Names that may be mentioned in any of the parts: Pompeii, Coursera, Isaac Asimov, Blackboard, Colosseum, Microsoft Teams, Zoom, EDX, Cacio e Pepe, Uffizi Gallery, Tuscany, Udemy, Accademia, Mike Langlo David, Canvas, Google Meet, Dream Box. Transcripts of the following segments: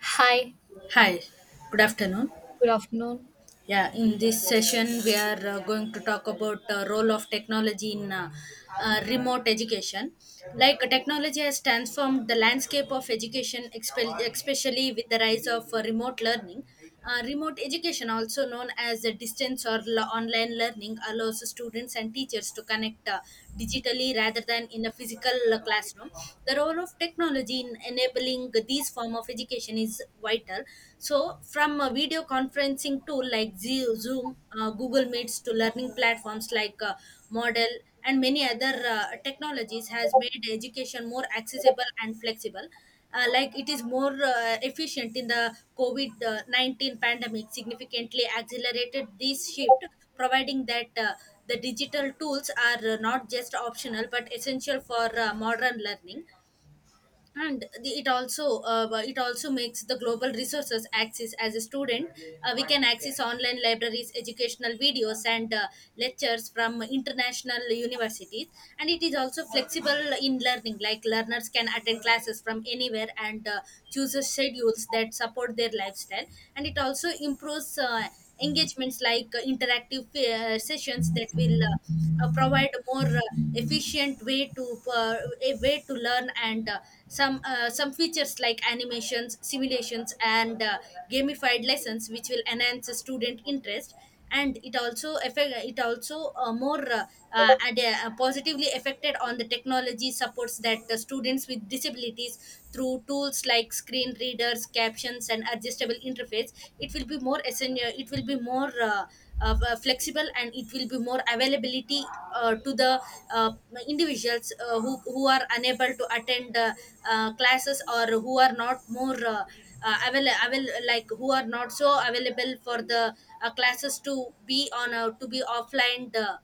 Hi, Hi, good afternoon. good afternoon. Yeah, in this session we are going to talk about role of technology in remote education. Like technology has transformed the landscape of education, especially with the rise of remote learning. Remote education, also known as distance or online learning, allows students and teachers to connect digitally rather than in a physical classroom. The role of technology in enabling these form of education is vital, so from a video conferencing tool like zoom, google meets, to learning platforms like model, and many other technologies has made education more accessible and flexible, like it is more efficient in the covid 19 pandemic significantly accelerated this shift, providing that the digital tools are not just optional but essential for modern learning. And it also makes the global resources access as a student. We can access online libraries, educational videos, and lectures from international universities. And it is also flexible in learning, like learners can attend classes from anywhere and choose the schedules that support their lifestyle. And it also improves engagements, like interactive sessions that will provide more efficient way to uh, a way to learn. And some features like animations, simulations, and gamified lessons which will enhance student interest. And it also positively affected on the technology supports that the students with disabilities through tools like screen readers, captions, and adjustable interface. It will be more essential, it will be more flexible, and it will be more availability to the uh, individuals who are unable to attend classes, or who are not more like who are not so available for the classes to be on to be offline,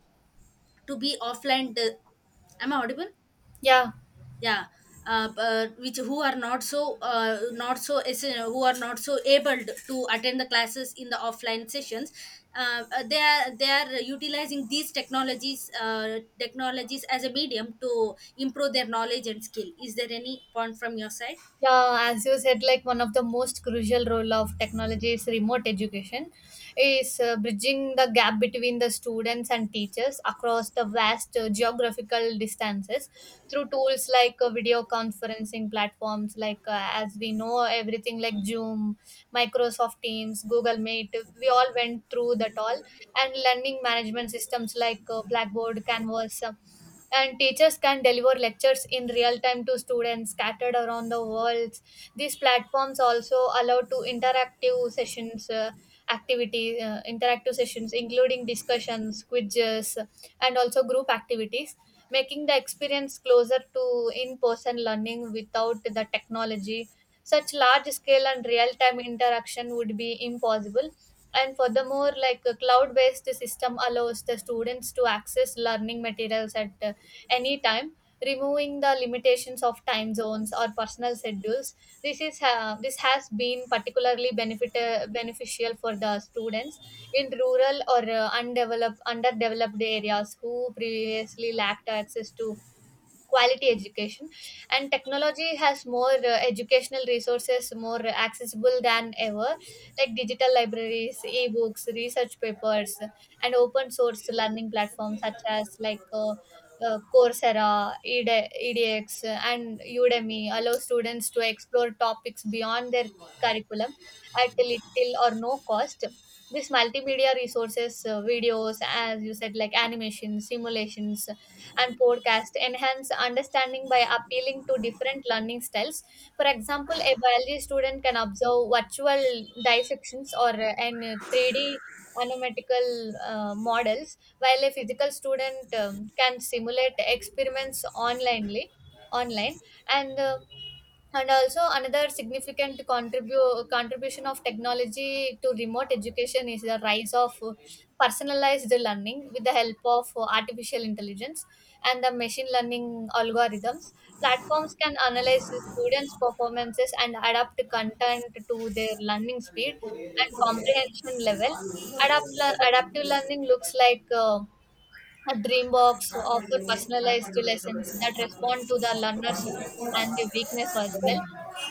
to be offline uh, am I audible? Yeah, Yeah. Which who are not so not so who are not so able to attend the classes in the offline sessions. They are, they are utilizing these technologies, technologies as a medium to improve their knowledge and skill. Is there any point from your side? yeah, as you said, like one of the most crucial role of technology is remote education, is bridging the gap between the students and teachers across the vast geographical distances through tools like video conferencing platforms, like as we know, everything like Zoom, Microsoft Teams, Google Meet, we all went through that all, and learning management systems like Blackboard, Canvas. And teachers can deliver lectures in real time to students scattered around the world. These platforms also allow to interactive sessions activity interactive sessions including discussions, quizzes, and also group activities, making the experience closer to in-person learning. Without the technology, such large scale and real-time interaction would be impossible. And furthermore, like a cloud-based system allows the students to access learning materials at anytime, removing the limitations of time zones or personal schedules. This has been particularly benefit beneficial for the students in rural or undeveloped underdeveloped areas who previously lacked access to quality education. And technology has more educational resources more accessible than ever, like digital libraries, ebooks, research papers, and open source learning platforms such as Coursera, ED EDX, and Udemy allow students to explore topics beyond their curriculum at little or no cost. This multimedia resources, videos, as you said, like animation, simulations, and podcast enhance understanding by appealing to different learning styles. For example, a biology student can observe virtual dissections or an 3D anomatical models, while a physical student can simulate experiments online. And uh, and also another significant contribution of technology to remote education is the rise of personalized learning. With the help of artificial intelligence and the machine learning algorithms, platforms can analyze the students performances and adapt content to their learning speed and comprehension level. Adapt- Adaptive learning looks like a dream box offer personalized lessons that respond to the learner's strength and the weakness as well.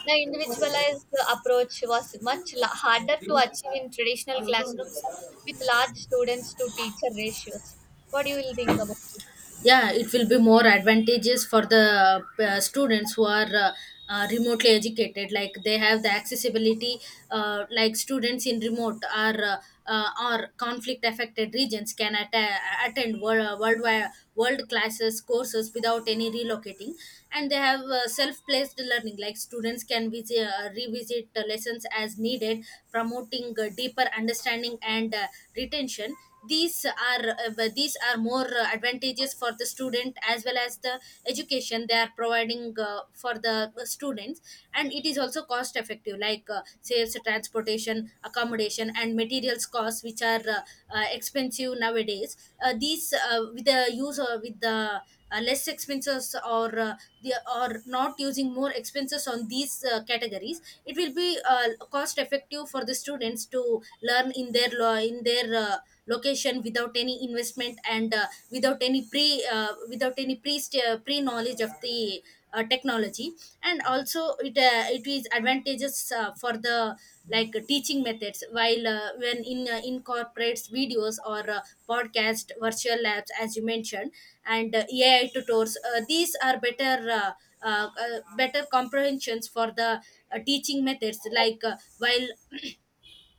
The individualized approach was harder to achieve in traditional classrooms with large students to teacher ratios. What do you will think about it? Yeah, it will be more advantageous for the students who are remotely educated, like they have the accessibility. Like students in remote or conflict affected regions can attend worldwide world classes courses without any relocating. And they have self placed learning, like students can visit, revisit lessons as needed, promoting deeper understanding and retention. These are more advantageous for the student as well as the education they are providing for the students. And it is also cost effective, like saves transportation, accommodation, and materials costs, which are expensive nowadays. These with the use, or with the less expenses, or or not using more expenses on these categories, it will be cost effective for the students to learn in their in their location without any investment, and without any pre without any pre knowledge of the technology. And also it is advantageous for the, like teaching methods, while when in incorporates videos or podcast, virtual labs, as you mentioned, and ai tutors, these are better better comprehensions for the teaching methods, like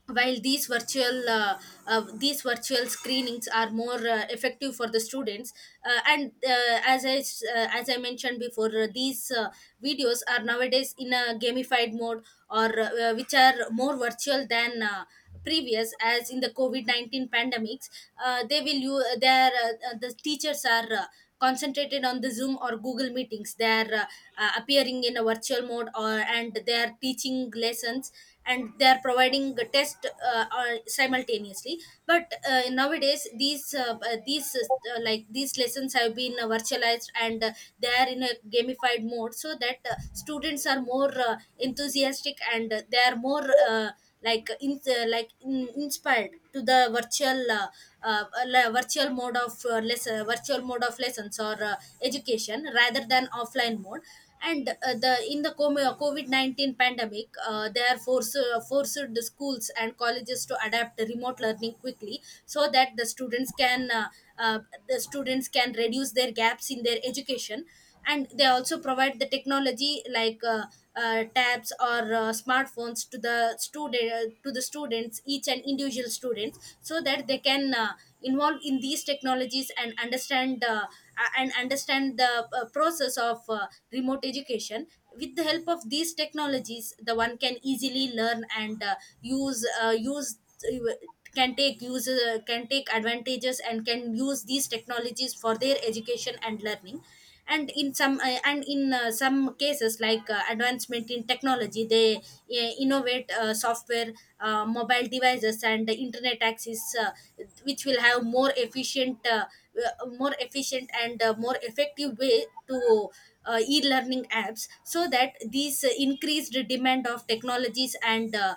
while these virtual screenings are more effective for the students. And as I s- As I mentioned before, these videos are nowadays in a gamified mode, or which are more virtual than previous, as in the covid-19 pandemics. The teachers are concentrated on the zoom or google meetings. They are appearing in a virtual mode, or and they are teaching lessons, and they are providing a test or simultaneously. But nowadays these like these lessons have been virtualized, and they are in a gamified mode, so that students are more enthusiastic, and they are more inspired to the virtual virtual mode of virtual mode of lessons, or education rather than offline mode. And the in the COVID 19 pandemic, they are forced forced the schools and colleges to adapt remote learning quickly, so that uh, the students can reduce their gaps in their education, and they also provide the technology like tabs or smartphones to the student to the students, each and individual students, so that they can involve in these technologies and understand the process of remote education. With the help of these technologies, the one can easily learn and use uh, can take advantages and can use these technologies for their education and learning. And in some and in some cases, like advancement in technology, they innovate software, mobile devices, and the internet access, which will have more efficient and more effective way to e-learning apps. So that these increased demand of technologies and uh,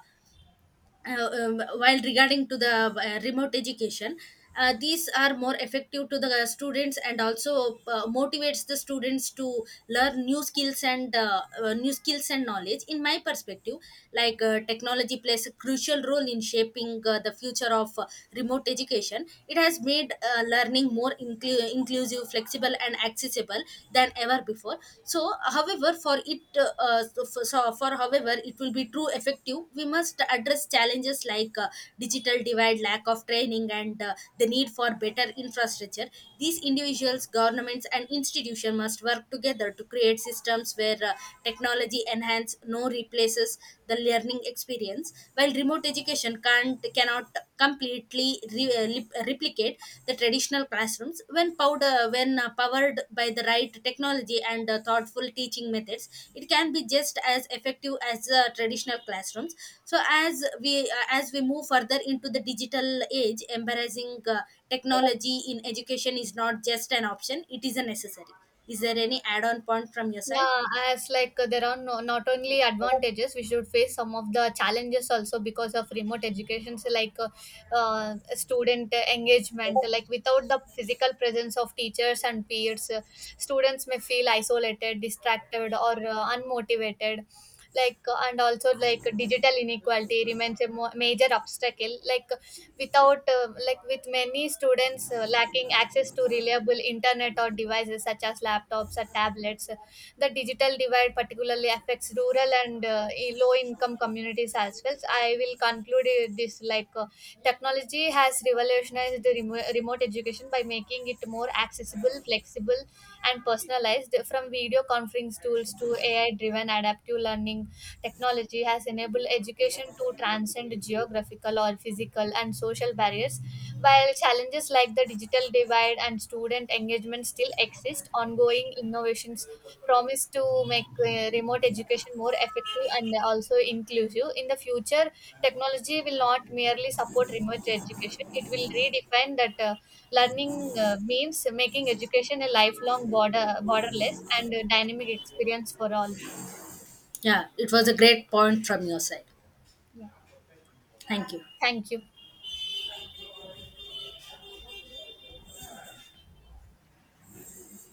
uh, um, while regarding to the remote education, these are more effective to the students, and also motivates the students to learn new skills and knowledge. In my perspective, like technology plays a crucial role in shaping the future of remote education. It has made learning more inclusive, flexible, and accessible than ever before. So however for it so for, so for however it will be true effective, we must address challenges like digital divide, lack of training, and the need for better infrastructure. These individuals, governments, and institutions must work together to create systems where technology enhance, no, replaces the learning experience. While remote education can't cannot completely replicate the traditional classrooms, when powder when powered by the right technology and thoughtful teaching methods, it can be just as effective as traditional classrooms. So as we move further into the digital age, embracing technology in education is not just an option, it is a necessary. Is there any add on point from your side? Yeah, as like there are not only advantages, we should face some of the challenges also because of remote education. So, like student engagement, like without the physical presence of teachers and peers, students may feel isolated, distracted, or unmotivated. Like and also like digital inequality remains a major obstacle. Like without like with many students lacking access to reliable internet or devices such as laptops or tablets. The digital divide particularly affects rural and low income communities as well. So I will conclude it this like technology has revolutionized the remote education by making it more accessible, flexible, and personalized. From video conference tools to AI driven adaptive learning, technology has enabled education to transcend geographical or physical and social barriers. While challenges like the digital divide and student engagement still exist, ongoing innovations promise to make remote education more effective and also inclusive. In the future, technology will not merely support remote education, it will redefine that learning means, making education a lifelong border, borderless and dynamic experience for all. Yeah, it was a great point from your side. Yeah. Thank you. Thank you.